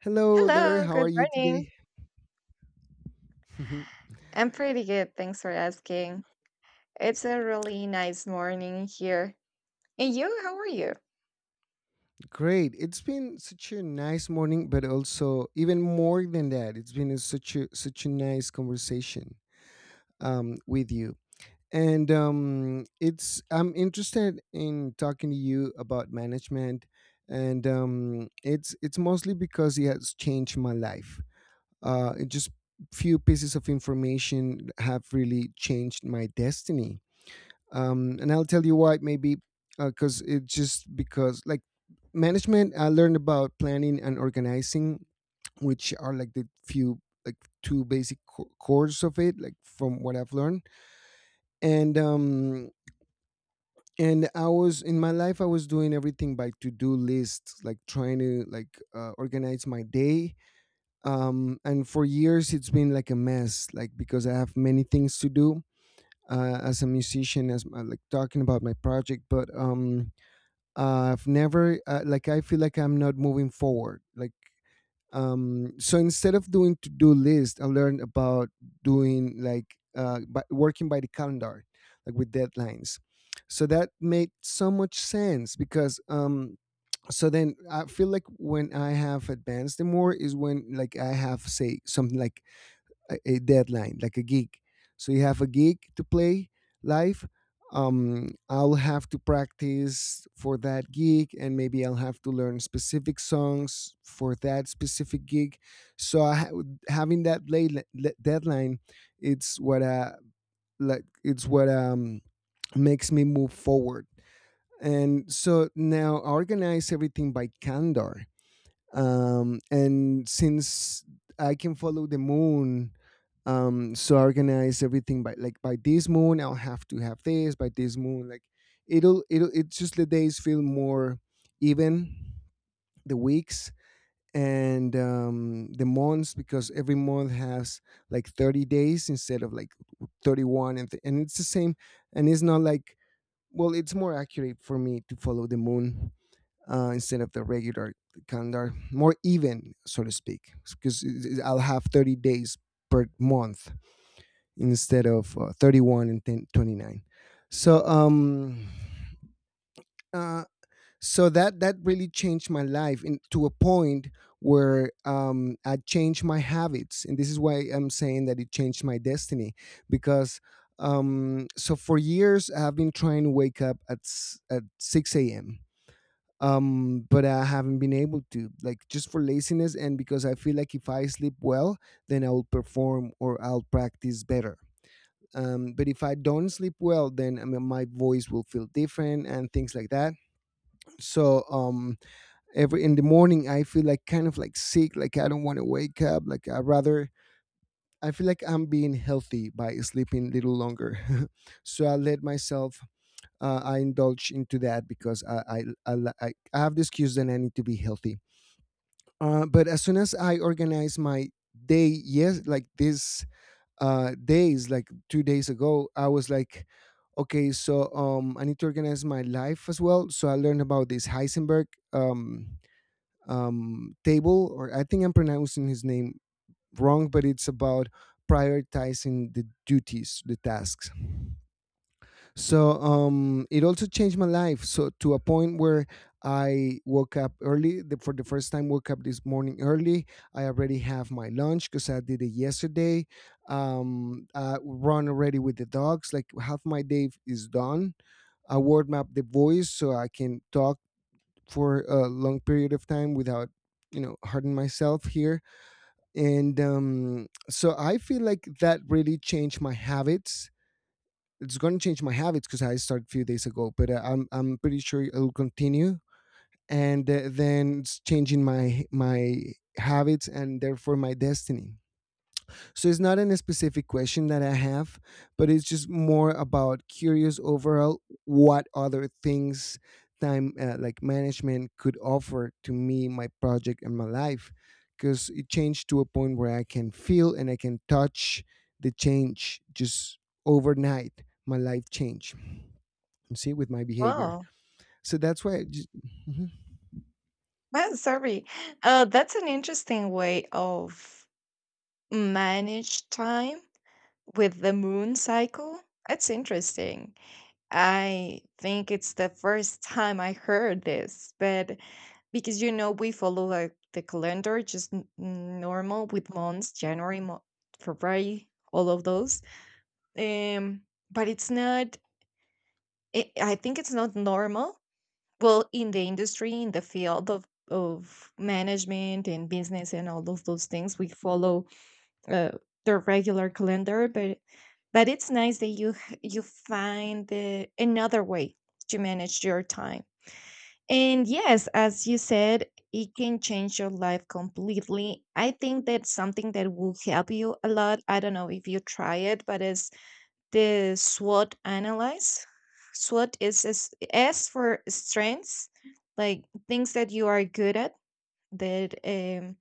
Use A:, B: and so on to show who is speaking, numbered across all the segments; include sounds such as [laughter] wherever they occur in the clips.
A: Hello there,
B: Hello,
A: how are
B: good
A: you
B: morning.
A: today? [laughs]
B: I'm pretty good, thanks for asking. It's a really nice morning here. And you, how are you?
A: Great. It's been such a nice morning, but also even more than that, it's been a, such a such a nice conversation with you. And it's I'm interested in talking to you about management, and it's mostly because it has changed my life. It just few pieces of information have really changed my destiny and I'll tell you why. Maybe because it just because like management, I learned about planning and organizing, which are like the few like two basic cores of it, like from what I've learned. And um, and I was in my life, I was doing everything by to do lists, like trying to organize my day. And for years, it's been like a mess, like because I have many things to do. As a musician, as my, like talking about my project, but I've never like I feel like I'm not moving forward. Like so instead of doing to do list, I learned about doing by working by the calendar, like with deadlines. So that made so much sense because then I feel like when I have advanced the more is when like I have say something like a deadline, like a gig. So you have a gig to play live. I'll have to practice for that gig, and maybe I'll have to learn specific songs for that specific gig. So I, ha- Having that deadline, it's what uh it's what makes me move forward. And so now I organize everything by calendar and since I can follow the moon, so I organize everything by like by this moon I'll have to have this by this moon like it's just the days feel more even, the weeks and the months because every month has like 30 days instead of like 31 and it's the same and it's not like well it's more accurate for me to follow the moon instead of the regular calendar, more even, so to speak, because I'll have 30 days per month instead of 31 and 10, 29. So, um, uh, so that really changed my life to a point where I changed my habits, and this is why I'm saying that it changed my destiny because. So for years, I've been trying to wake up at at 6 a.m. But I haven't been able to, like just for laziness and because I feel like if I sleep well then I'll perform or I'll practice better, but if I don't sleep well then I mean, my voice will feel different and things like that. So every in the morning I feel like kind of like sick, like I don't want to wake up, like I rather I feel like I'm being healthy by sleeping a little longer. [laughs] So I let myself, I indulge into that because I li- I have the excuse that I need to be healthy. But as soon as I organize my day, yes, like this days, like 2 days ago, I was like, okay, so I need to organize my life as well. So I learned about this Heisenberg um, table, or I think I'm pronouncing his name wrong, but it's about prioritizing the duties, the tasks. So it also changed my life. So to a point where I woke up early for the first time. Woke up this morning early. I already have my lunch because I did it yesterday. Run already with the dogs. Like half my day is done. I warm up the voice so I can talk for a long period of time without, you know, hurting myself here. And so I feel like that really changed my habits, it's going to change my habits because I started a few days ago, but I'm pretty sure it'll continue. And then it's changing my habits and therefore my destiny. So it's not a specific question that I have, but it's just more about curious overall what other things time like management could offer to me, my project, and my life. Because it changed to a point where I can feel and I can touch the change just overnight. My life changed see with my behavior.
B: Well,
A: So that's why. I just, mhm.
B: [laughs] well, sorry. That's an interesting way of manage time with the moon cycle. That's interesting. I think it's the first time I heard this, but because you know we follow like the calendar just normal with months, January, February, all of those. Um, but it's not I think it's not normal. Well, in the industry, in the field of management and business and all of those things, we follow uh, the regular calendar, but it's nice that you find another way to manage your time. And yes, as you said, it can change your life completely. I think that's something that will help you a lot. I don't know if you try it, but it's the SWOT analyze. SWOT is S, S for strengths, like things that you are good at, that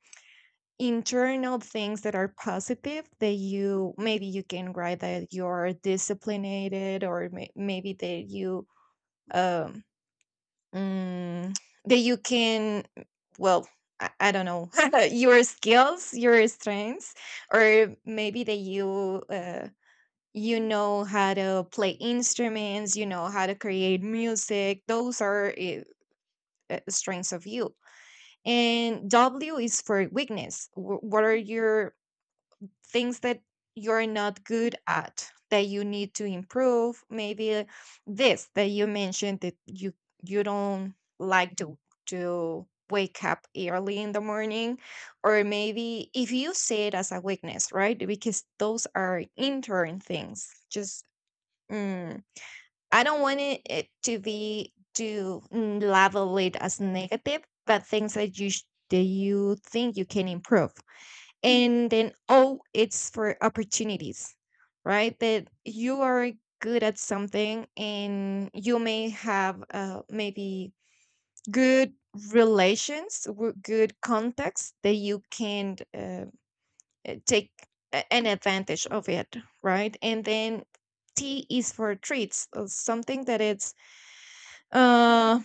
B: internal things that are positive that you maybe you can write that you're disciplined or maybe that you um mm, that you can, well, I don't know, [laughs] your skills, your strengths, or maybe that you know how to play instruments, you know how to create music. Those are strengths of you. And W is for weakness. What are your things that you're not good at that you need to improve? Maybe this that you mentioned that you don't like to wake up early in the morning, or maybe if you see it as a weakness, right? Because those are intern things. Just, mm, I don't want it to be to, label it as negative, but things that that you think you can improve. And then oh, it's for opportunities, right? That you are good at something, and you may have maybe good relations, good contacts that you can take an advantage of it, right? And then T is for treats, something uh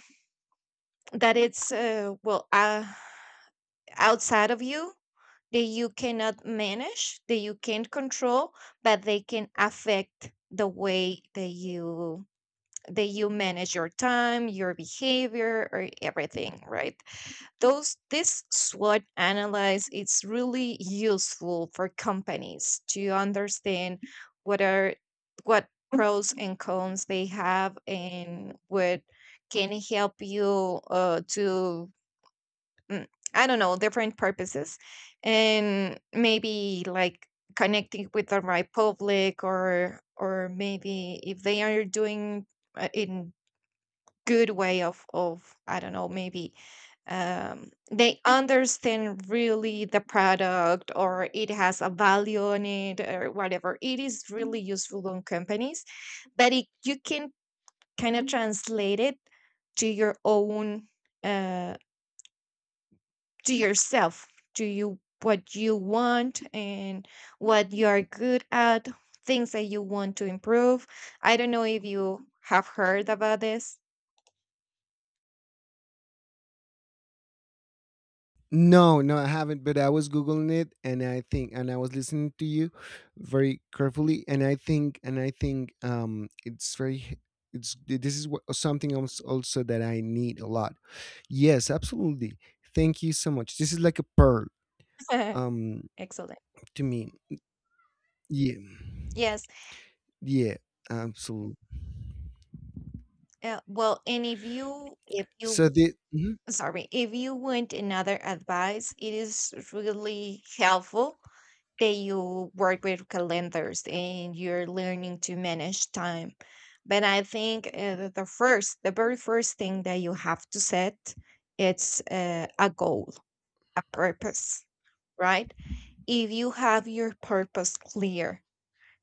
B: that it's outside of you, that you cannot manage, that you can't control, but they can affect the way that you, that you manage your time, your behavior, or everything, right? Those, this SWOT analysis, it's really useful for companies to understand what are, what pros and cons they have, and what can help you to, mm, I don't know, different purposes, and maybe like connecting with the right public, or maybe if they are doing it good way of I don't know, maybe they understand really the product, or it has a value on it, or whatever. It is really useful on companies, but you can kind of translate it to your own uh, to yourself, to you, what you want, and what you are good at, things that you want to improve. I don't know if you have heard about this. [laughs]
A: No, no, I haven't. But I was googling it, and I think, and I was listening to you very carefully, and I think, it's very, it's this is what, something else also that I need a lot. Yes, absolutely. Thank you so much. This is like a pearl, um,
B: Excellent.
A: to me. Yeah,
B: Yes.
A: yeah, absolutely.
B: Well, and if you,
A: So the mhm.
B: sorry, if you want another advice, it is really helpful that you work with calendars and you're learning to manage time. But I think the first, the very first thing that you have to set, it's a goal, a purpose, right? If you have your purpose clear,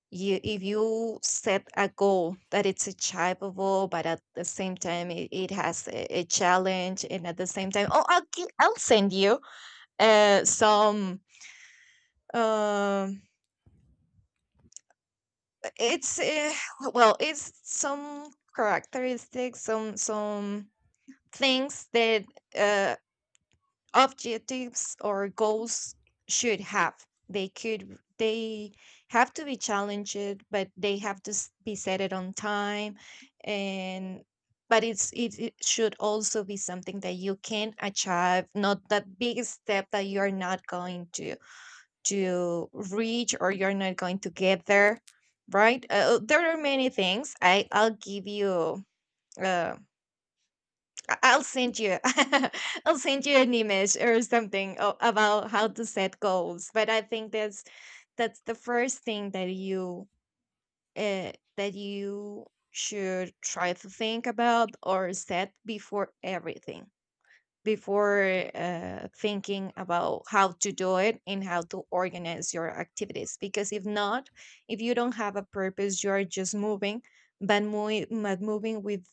B: you, if you set a goal that it's achievable, but at the same time it has a challenge, and at the same time, oh, I'll send you some, um it's well, it's some characteristics, some things that uh objectives or goals should have. They have to be challenged, but they be set it on time, and but it's it should also be something that you can achieve, not that big step that you're not going to reach, or you're not going to get there, right? There are many things I'll give you, uh, I'll send you. [laughs] I'll send you an image or something about how to set goals. But I think that's the first thing that you should try to think about or set before everything, before thinking about how to do it and how to organize your activities. Because if not, if you don't have a purpose, you are just moving, but, but moving with,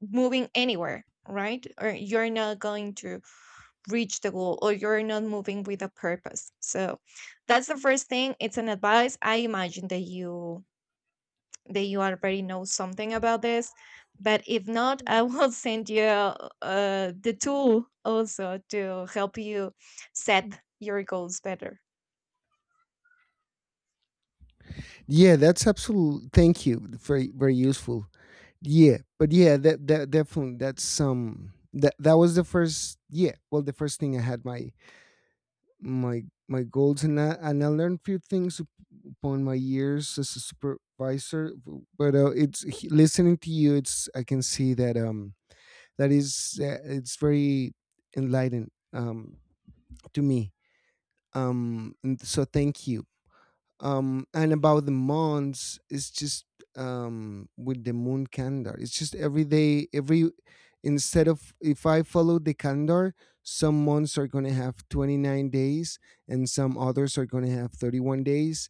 B: moving anywhere, right? Or you're not going to reach the goal, or you're not moving with a purpose. So that's the first thing. It's an advice. I imagine that you already know something about this. But if not, I will [laughs] send you the tool also to help you set your goals better.
A: Yeah, that's absolute. Thank you. Very, very useful. Yeah, that definitely that's some that that was the first yeah, well the first thing I had my my my goals and I learned few things upon my years as a supervisor, but it's listening to you it's I can see that that is it's very enlightened to me. And so thank you and about the months it's just with the moon calendar it's just every day every instead of if I follow the calendar some months are going to have 29 days and some others are going to have 31 days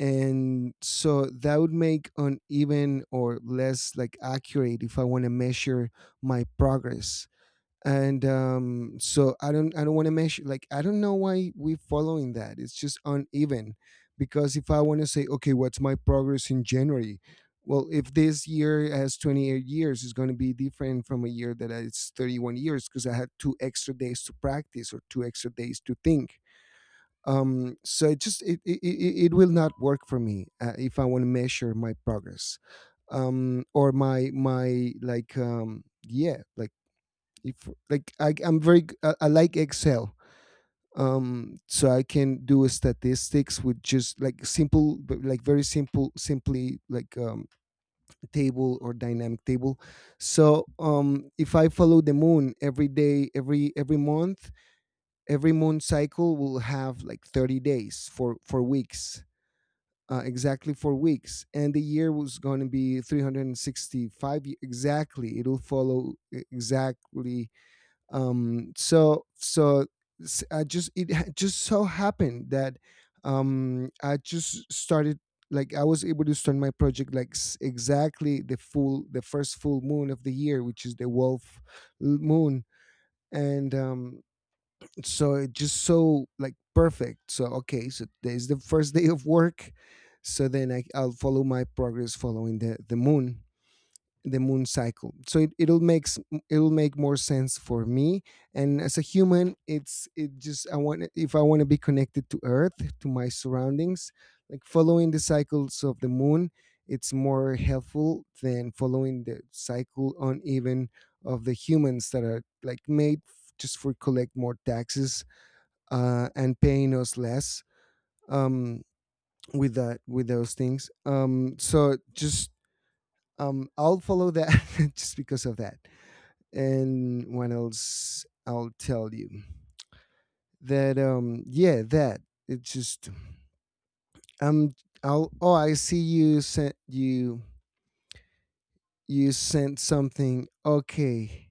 A: and so that would make uneven or less like accurate if I want to measure my progress and so I don't want to measure like I don't know why we're following that, it's just uneven because if I want to say okay what's my progress in January, well if this year has 28 years it's going to be different from a year that it's 31 years because I had two extra days to practice or two extra days to think, so it just it will not work for me if I want to measure my progress, or my yeah like if like I, I'm very g- I, am very I like excel, so I can do statistics with just like simple but, like very simple simply like table or dynamic table. So if I follow the moon every day every month every moon cycle will have like 30 days for weeks, exactly 4 weeks and the year was going to be 365 exactly it'll follow exactly. um so so I just just so happened that I just started like I was able to start my project like exactly the first full moon of the year which is the wolf moon. And so it just so like perfect so okay so there's the first [laughs] day of work, so then I'll follow my progress following the moon cycle so it, it'll makes it'll make more sense for me. And as a human it's it just I want if I want to be connected to earth, to my surroundings, like following the cycles of the moon it's more helpful than following the cycle uneven of the humans that are like made just for collect more taxes, and paying us less, um, with that with those things so just I'll follow that [laughs] just because of that. And what else I'll tell you that yeah that it's just I'm I'll oh I see you sent you sent something okay,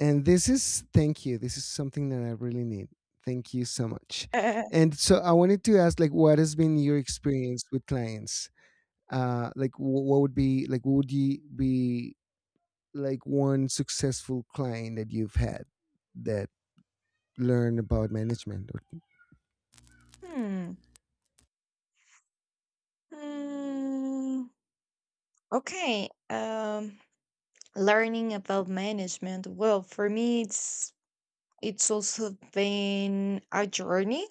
A: and this is thank you this is something that I really need, thank you so much.
B: [laughs]
A: And so I wanted to ask like what has been your experience with clients, uh like wh- what would be like what would you be like one successful client that you've had that learned about management.
B: Hmm. Mm, okay. Learning about management. Well, for me, it's also been a journey.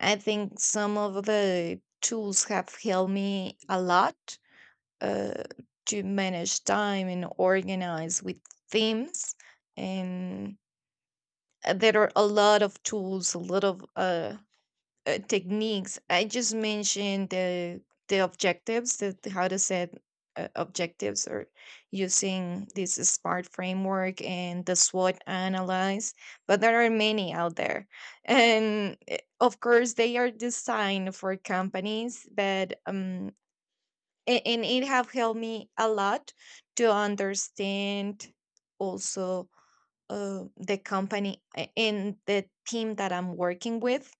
B: I think some of the tools have helped me a lot uh, to manage time and organize with themes. And there are a lot of tools, a lot of techniques. I just mentioned the objectives, that how to set objectives, or using this smart framework and the SWOT analyze. But there are many out there, and of course they are designed for companies, but and it have helped me a lot to understand also the company and the team that I'm working with.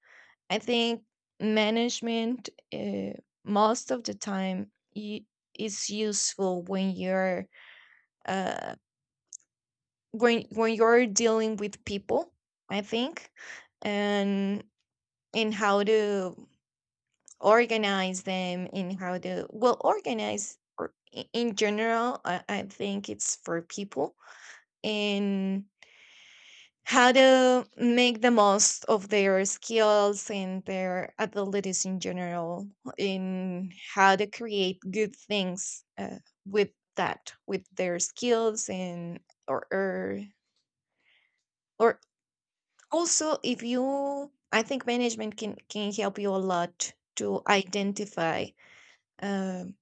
B: I think management, most of the time, is useful when you're uh, when you're dealing with people. I think, and in how to organize them, in how to well organize, or in general. I think it's for people, and how to make the most of their skills and their abilities in general, in how to create good things with that, with their skills, and, or, or or also, if you, I think management can help you a lot to identify um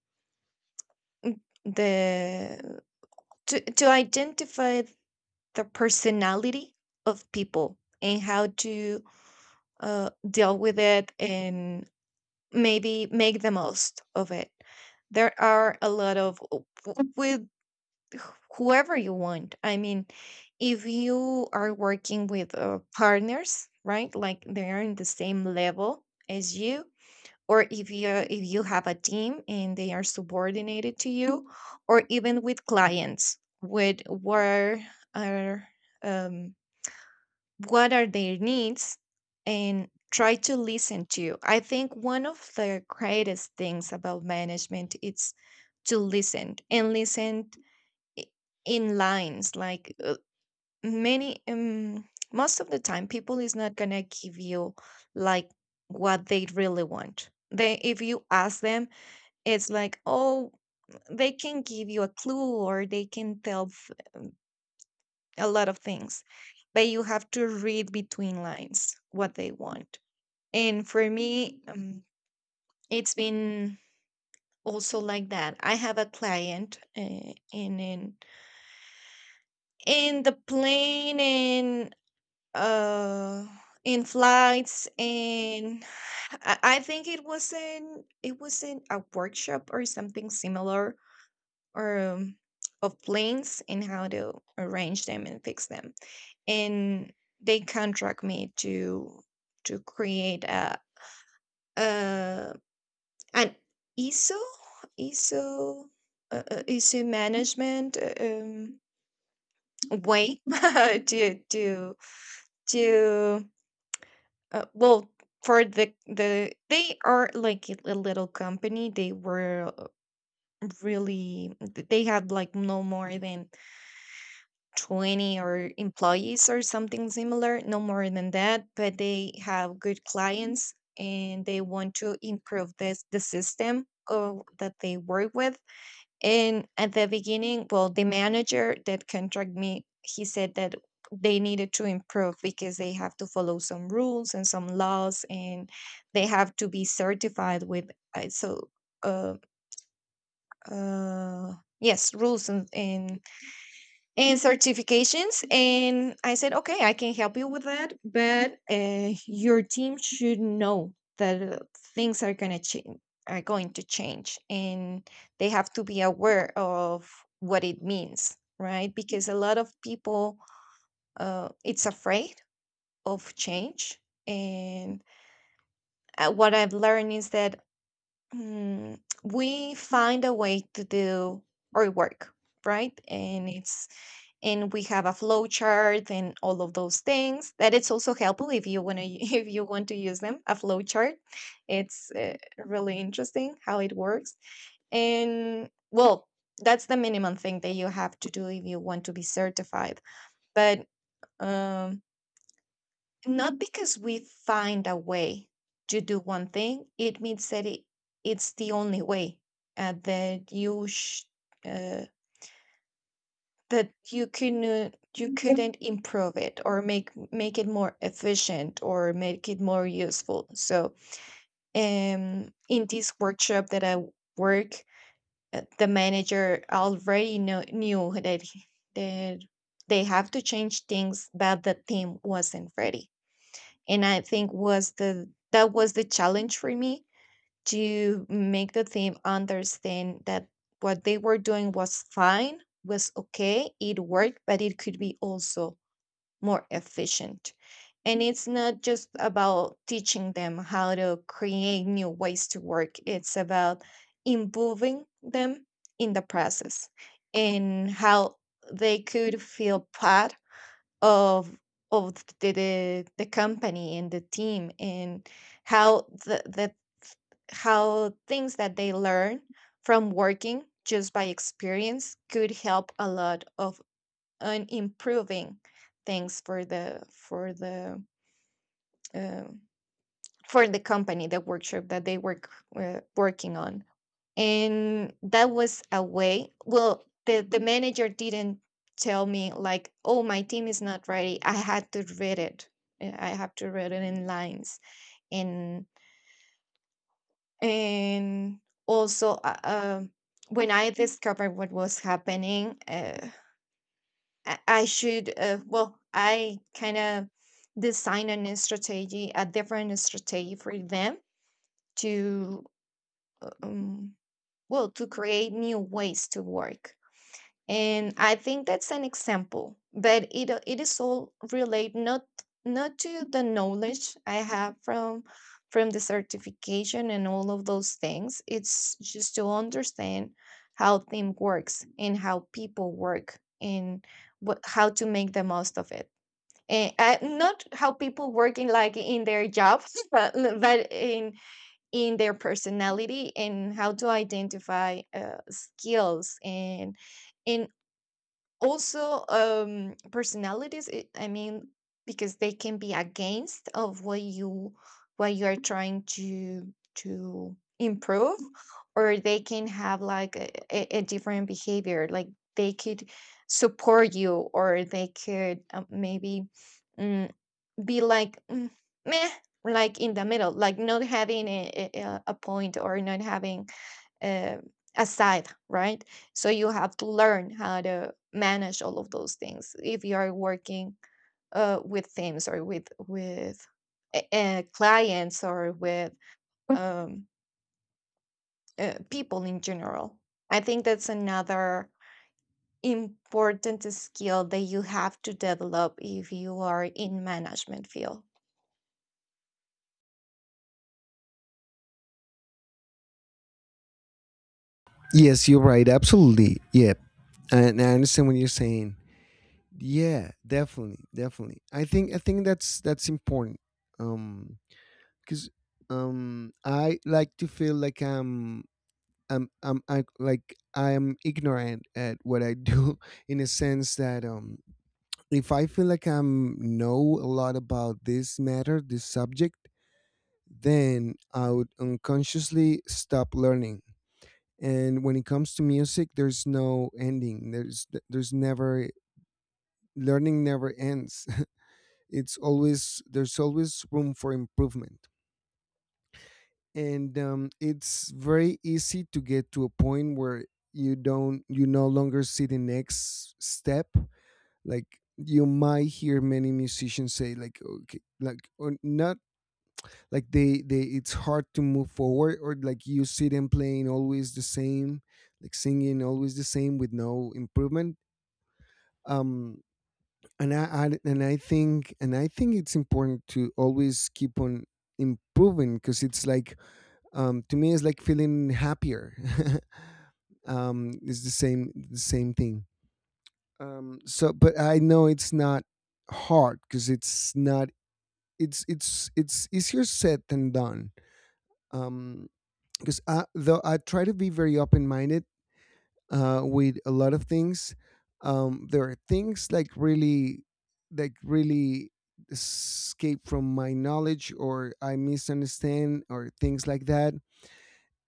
B: the to identify the personality of people, and how to deal with it, and maybe make the most of it. There are a lot of, with whoever you want. I mean, if you are working with partners, right? Like they are in the same level as you, or if you have a team and they are subordinated to you, or even with clients, with where are, um, what are their needs, and try to listen to you. I think one of the greatest things about management is to listen and listen i- in lines, like many, most of the time people is not going to give you like what they really want. They, if you ask them, it's like, oh, they can give you a clue, or they can a lot of things, but you have to read between lines what they want. And for me, it's been also like that. I have a client, and in the plane, and uh in flights, and I think it wasn't a workshop or something similar, or of planes and how to arrange them and fix them. And they contract me to create a. a And ISO, ISO, ISO management way [laughs] to to well, for the, they are like a little company. They were really, they had like no more than 20 or employees or something similar, no more than that, but they have good clients, and they want to improve this, the system of, that they work with. And at the beginning, well, the manager that contract me, he said that they needed to improve because they have to follow some rules and some laws, and they have to be certified with uh, so uh, uh, yes, rules, and certifications. And I said, okay, I can help you with that, but your team should know that things are going to change, are going to change, and they have to be aware of what it means, right? Because a lot of people, it's afraid of change. And what I've learned is that, we find a way to do our work, right? And it's and we have a flow chart and all of those things. That it's also helpful if you want to [laughs] if you want to use them. A flow chart, it's really interesting how it works. And well, that's the minimum thing that you have to do if you want to be certified. But um, not because we find a way to do one thing, it means that it's the only way, and that uh, that you can you couldn't improve it or make it more efficient, or make it more useful. So, in this workshop that I work, the manager already knew that that they have to change things, but the team wasn't ready, and I think was the that was the challenge for me to make the team understand that what they were doing was fine, was okay, it worked, but it could be also more efficient. And it's not just about teaching them how to create new ways to work, it's about improving them in the process and how they could feel part of of the company and the team, and how the how things that they learn from working just by experience could help a lot of on improving things um, for the company, the workshop that they working on. And that was a way. Well, the manager didn't tell me, like, oh, my team is not ready. I had to read it, I have to read it in lines. And and also uh, um, when I discovered what was happening, I should well I kind of designed a strategy, a different strategy for them to um, to create new ways to work. And I think that's an example, but it is all relate not to the knowledge I have from the certification and all of those things. It's just to understand how thing works and how people work and what how to make the most of it. And not how people work in, like, in their jobs [laughs] but in their personality and how to identify skills, and in also personalities. I mean, because they can be against of what you are trying to improve. Or they can have like a different behavior. Like, they could support you, or they could maybe, mm, be like, meh, like in the middle, like not having a point, or not having, uh, aside, right? So you have to learn how to manage all of those things if you are working with teams or with clients or with um, people in general. I think that's another important skill that you have to develop if you are in management field.
A: Yes, you're right. Absolutely. Yeah. And I understand what you're saying. Yeah, definitely, definitely. I think that's important. Um cuz I like to feel like I'm ignorant at what I do [laughs] in a sense that if I feel like I'm know a lot about this matter, this subject, then I would unconsciously stop learning. And when it comes to music there's no ending, there's never, learning never ends. [laughs] It's always, there's always room for improvement. And it's very easy to get to a point where you no longer see the next step. Like you might hear many musicians say like okay, like, or not like they, it's hard to move forward, or like you see them playing always the same, like singing always the same with no improvement. um and I think it's important to always keep on improving because it's like, to me it's like feeling happier. [laughs] It's the same, the same thing. So but I know it's not hard because it's not, it's easier said than done. um because I though I try to be very open-minded, with a lot of things. There are things like really escape from my knowledge, or I misunderstand, or things like that.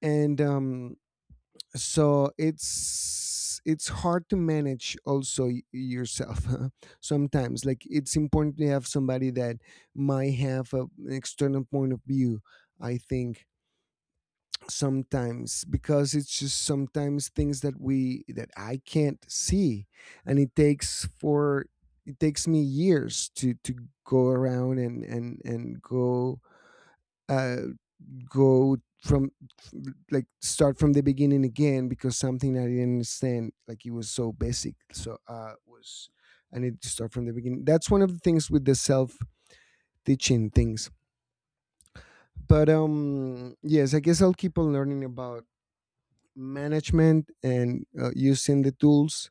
A: And so it's hard to manage also yourself [laughs] sometimes. Like it's important to have somebody that might have an external point of view, I think, sometimes. Because it's just sometimes things that we that I can't see, and it takes me years to go around and go, uh go from, like, start from the beginning again because something I didn't understand, like it was so basic, so was, I need to start from the beginning. That's one of the things with the self teaching things. But yes, I guess I'll keep on learning about management and using the tools.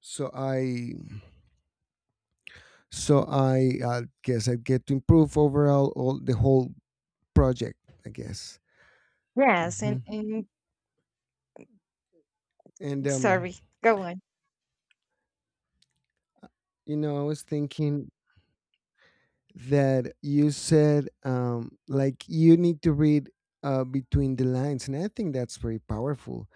A: So i so i i guess I get to improve overall, all the whole project, I guess.
B: Yes,
A: Hmm.
B: and
A: And
B: sorry, go on.
A: you know, I was thinking that you said, like, you need to read, between the lines, and I think that's very powerful.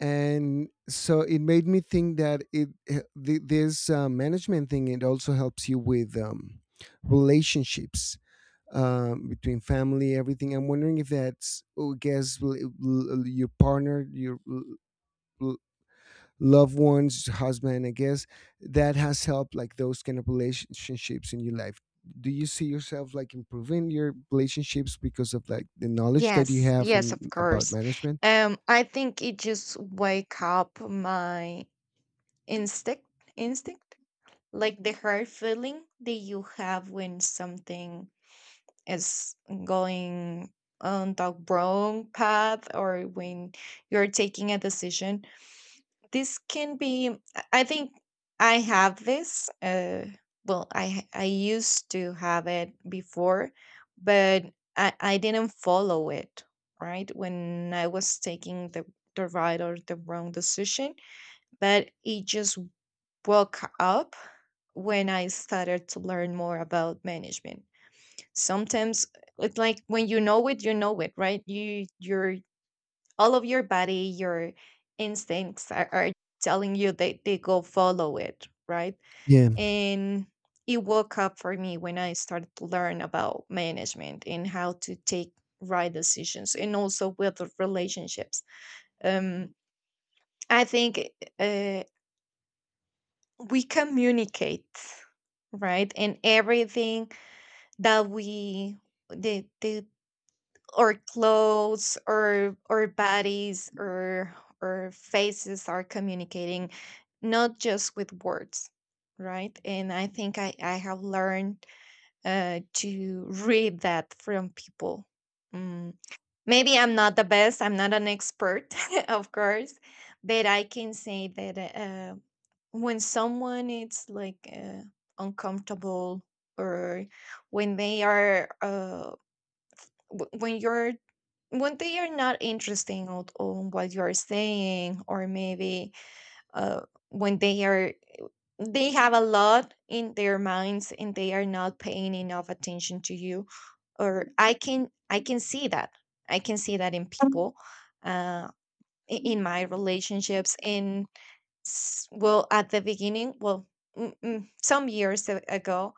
A: And so it made me think that this management thing, it also helps you with relationships, between family, everything. I'm wondering if that's, oh, I guess, your partner, your l- loved ones, husband. I guess that has helped, like those kind of relationships in your life. Do you see yourself like improving your relationships because of like the knowledge that you
B: Yes,
A: have
B: yes, of
A: in about
B: course.
A: management?
B: I think it just wake up my... Instinct? Instinct? Like the hard feeling that you have when something is going on the wrong path, or when you're taking a decision. This can be, I think I have this. Well, I used to have it before, but I didn't follow it, right? When I was taking the right or the wrong decision, but it just woke up when I started to learn more about management. Sometimes it's like when you know it, right? Your all of your body, your instincts are telling you that they go follow it, right?
A: Yeah,
B: And it woke up for me when I started to learn about management and how to take right decisions, and also with the relationships. Um, I think, uh, we communicate, right? And everything that we the our clothes or our bodies or our faces are communicating, not just with words, right? And I think I have learned to read that from people. Mm. Maybe I'm not the best, I'm not an expert, [laughs] of course, but I can say that when someone is like, uncomfortable, or when they are uh, w- when you're when they are not interesting on what you are saying, or maybe uh, when they are they have a lot in their minds and they are not paying enough attention to you. Or I can see that in people. uh in my relationships, well, at the beginning, some years ago,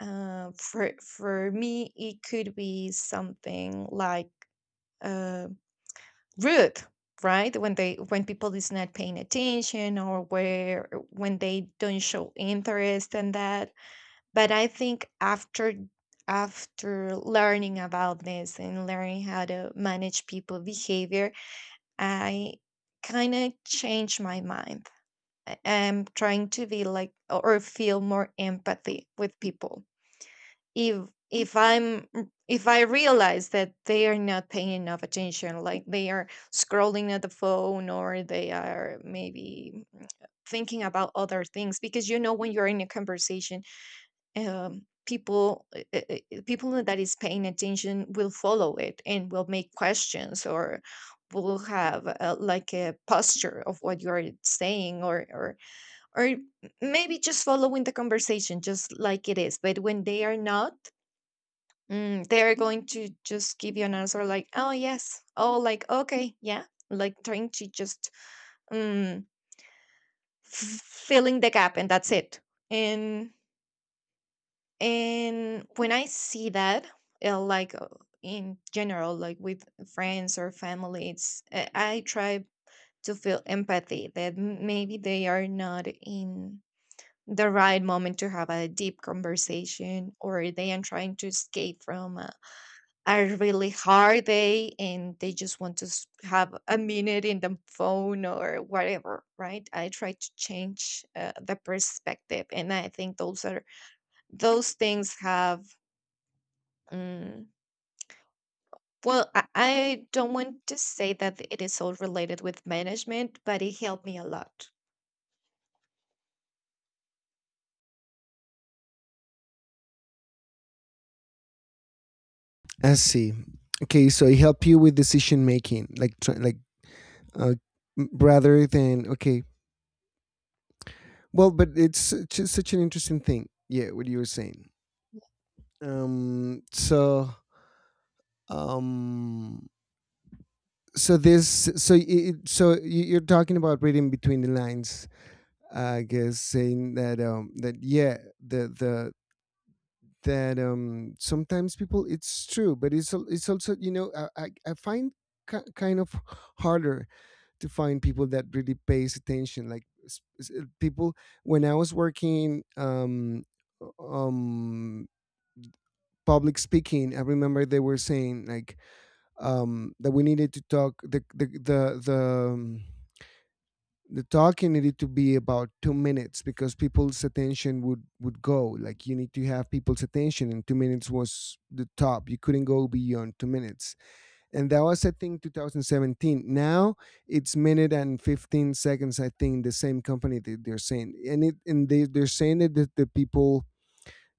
B: for me, it could be something like, uh rude, right? When people is not paying attention, or where when they don't show interest in that. But I think after learning about this and learning how to manage people behavior, I kind of changed my mind. I'm trying to be like or feel more empathy with people. If if i'm if I realize that they are not paying enough attention, like they are scrolling at the phone, or they are maybe thinking about other things. Because, you know, when you're in a conversation, people, people that is paying attention will follow it and will make questions, or will have, like, a posture of what you are saying, or or maybe just following the conversation just like it is. But when they are not, they are going to just give you an answer like, oh yes, oh, like, okay, yeah, like trying to just um, filling the gap, and that's it. And And when I see that, like, in general, like with friends or family, it's I try to feel empathy that maybe they are not in the right moment to have a deep conversation, or they are trying to escape from a really hard day, and they just want to have a minute in the phone or whatever, right? I try to change the perspective, and I think those things have... Mm. Well, I don't want to say that it is all related with management, but it helped me a lot.
A: I see. Okay, so it helped you with decision making, like uh, rather than okay. Well, but it's such, such an interesting thing. Yeah, what you were saying. Um. So. Um. So this. So you're talking about reading between the lines, I guess, saying that. That, yeah. The that sometimes people, it's true, but it's it's also, you know, I find kind of harder to find people that really pays attention. Like people, when I was working, um public speaking, I remember they were saying like, that we needed to talk, um, the talking needed to be about 2 minutes, because people's attention would go, like, you need to have people's attention, and 2 minutes was the top. You couldn't go beyond 2 minutes. And that was, I think, 2017. Now it's minute and 15 seconds, I think, the same company that they're saying. And they, they're saying that the people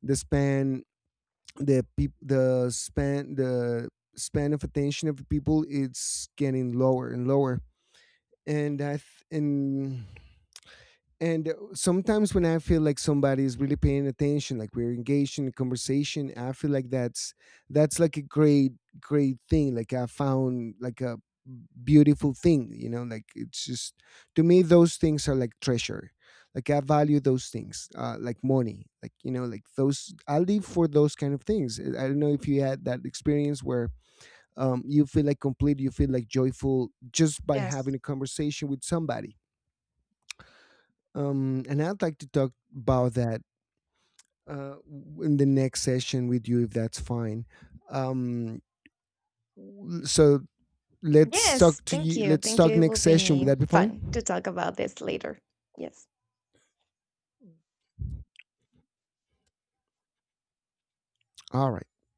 A: the span the peop- the span of attention of people, it's getting lower and lower. And i th- and and uh, sometimes when I feel like somebody is really paying attention, like we're engaged in a conversation, I feel like that's like a great thing. Like I found like a beautiful thing, you know. Like, it's just, to me those things are like treasure. Like, I value those things, like money, like, you know, like those. I live for those kind of things. I don't know if you had that experience where, you feel like complete, you feel like joyful just by
B: Yes.
A: having a conversation with somebody. And I'd like to talk about that, uh, in the next session with you, if that's fine. Um, w- so let's
B: Yes.
A: talk to
B: Thank
A: you.
B: you.
A: Let's
B: Thank you.
A: talk
B: It will
A: next session. Would
B: be
A: that be fine?
B: fun to talk about this later. Yes.
A: All right.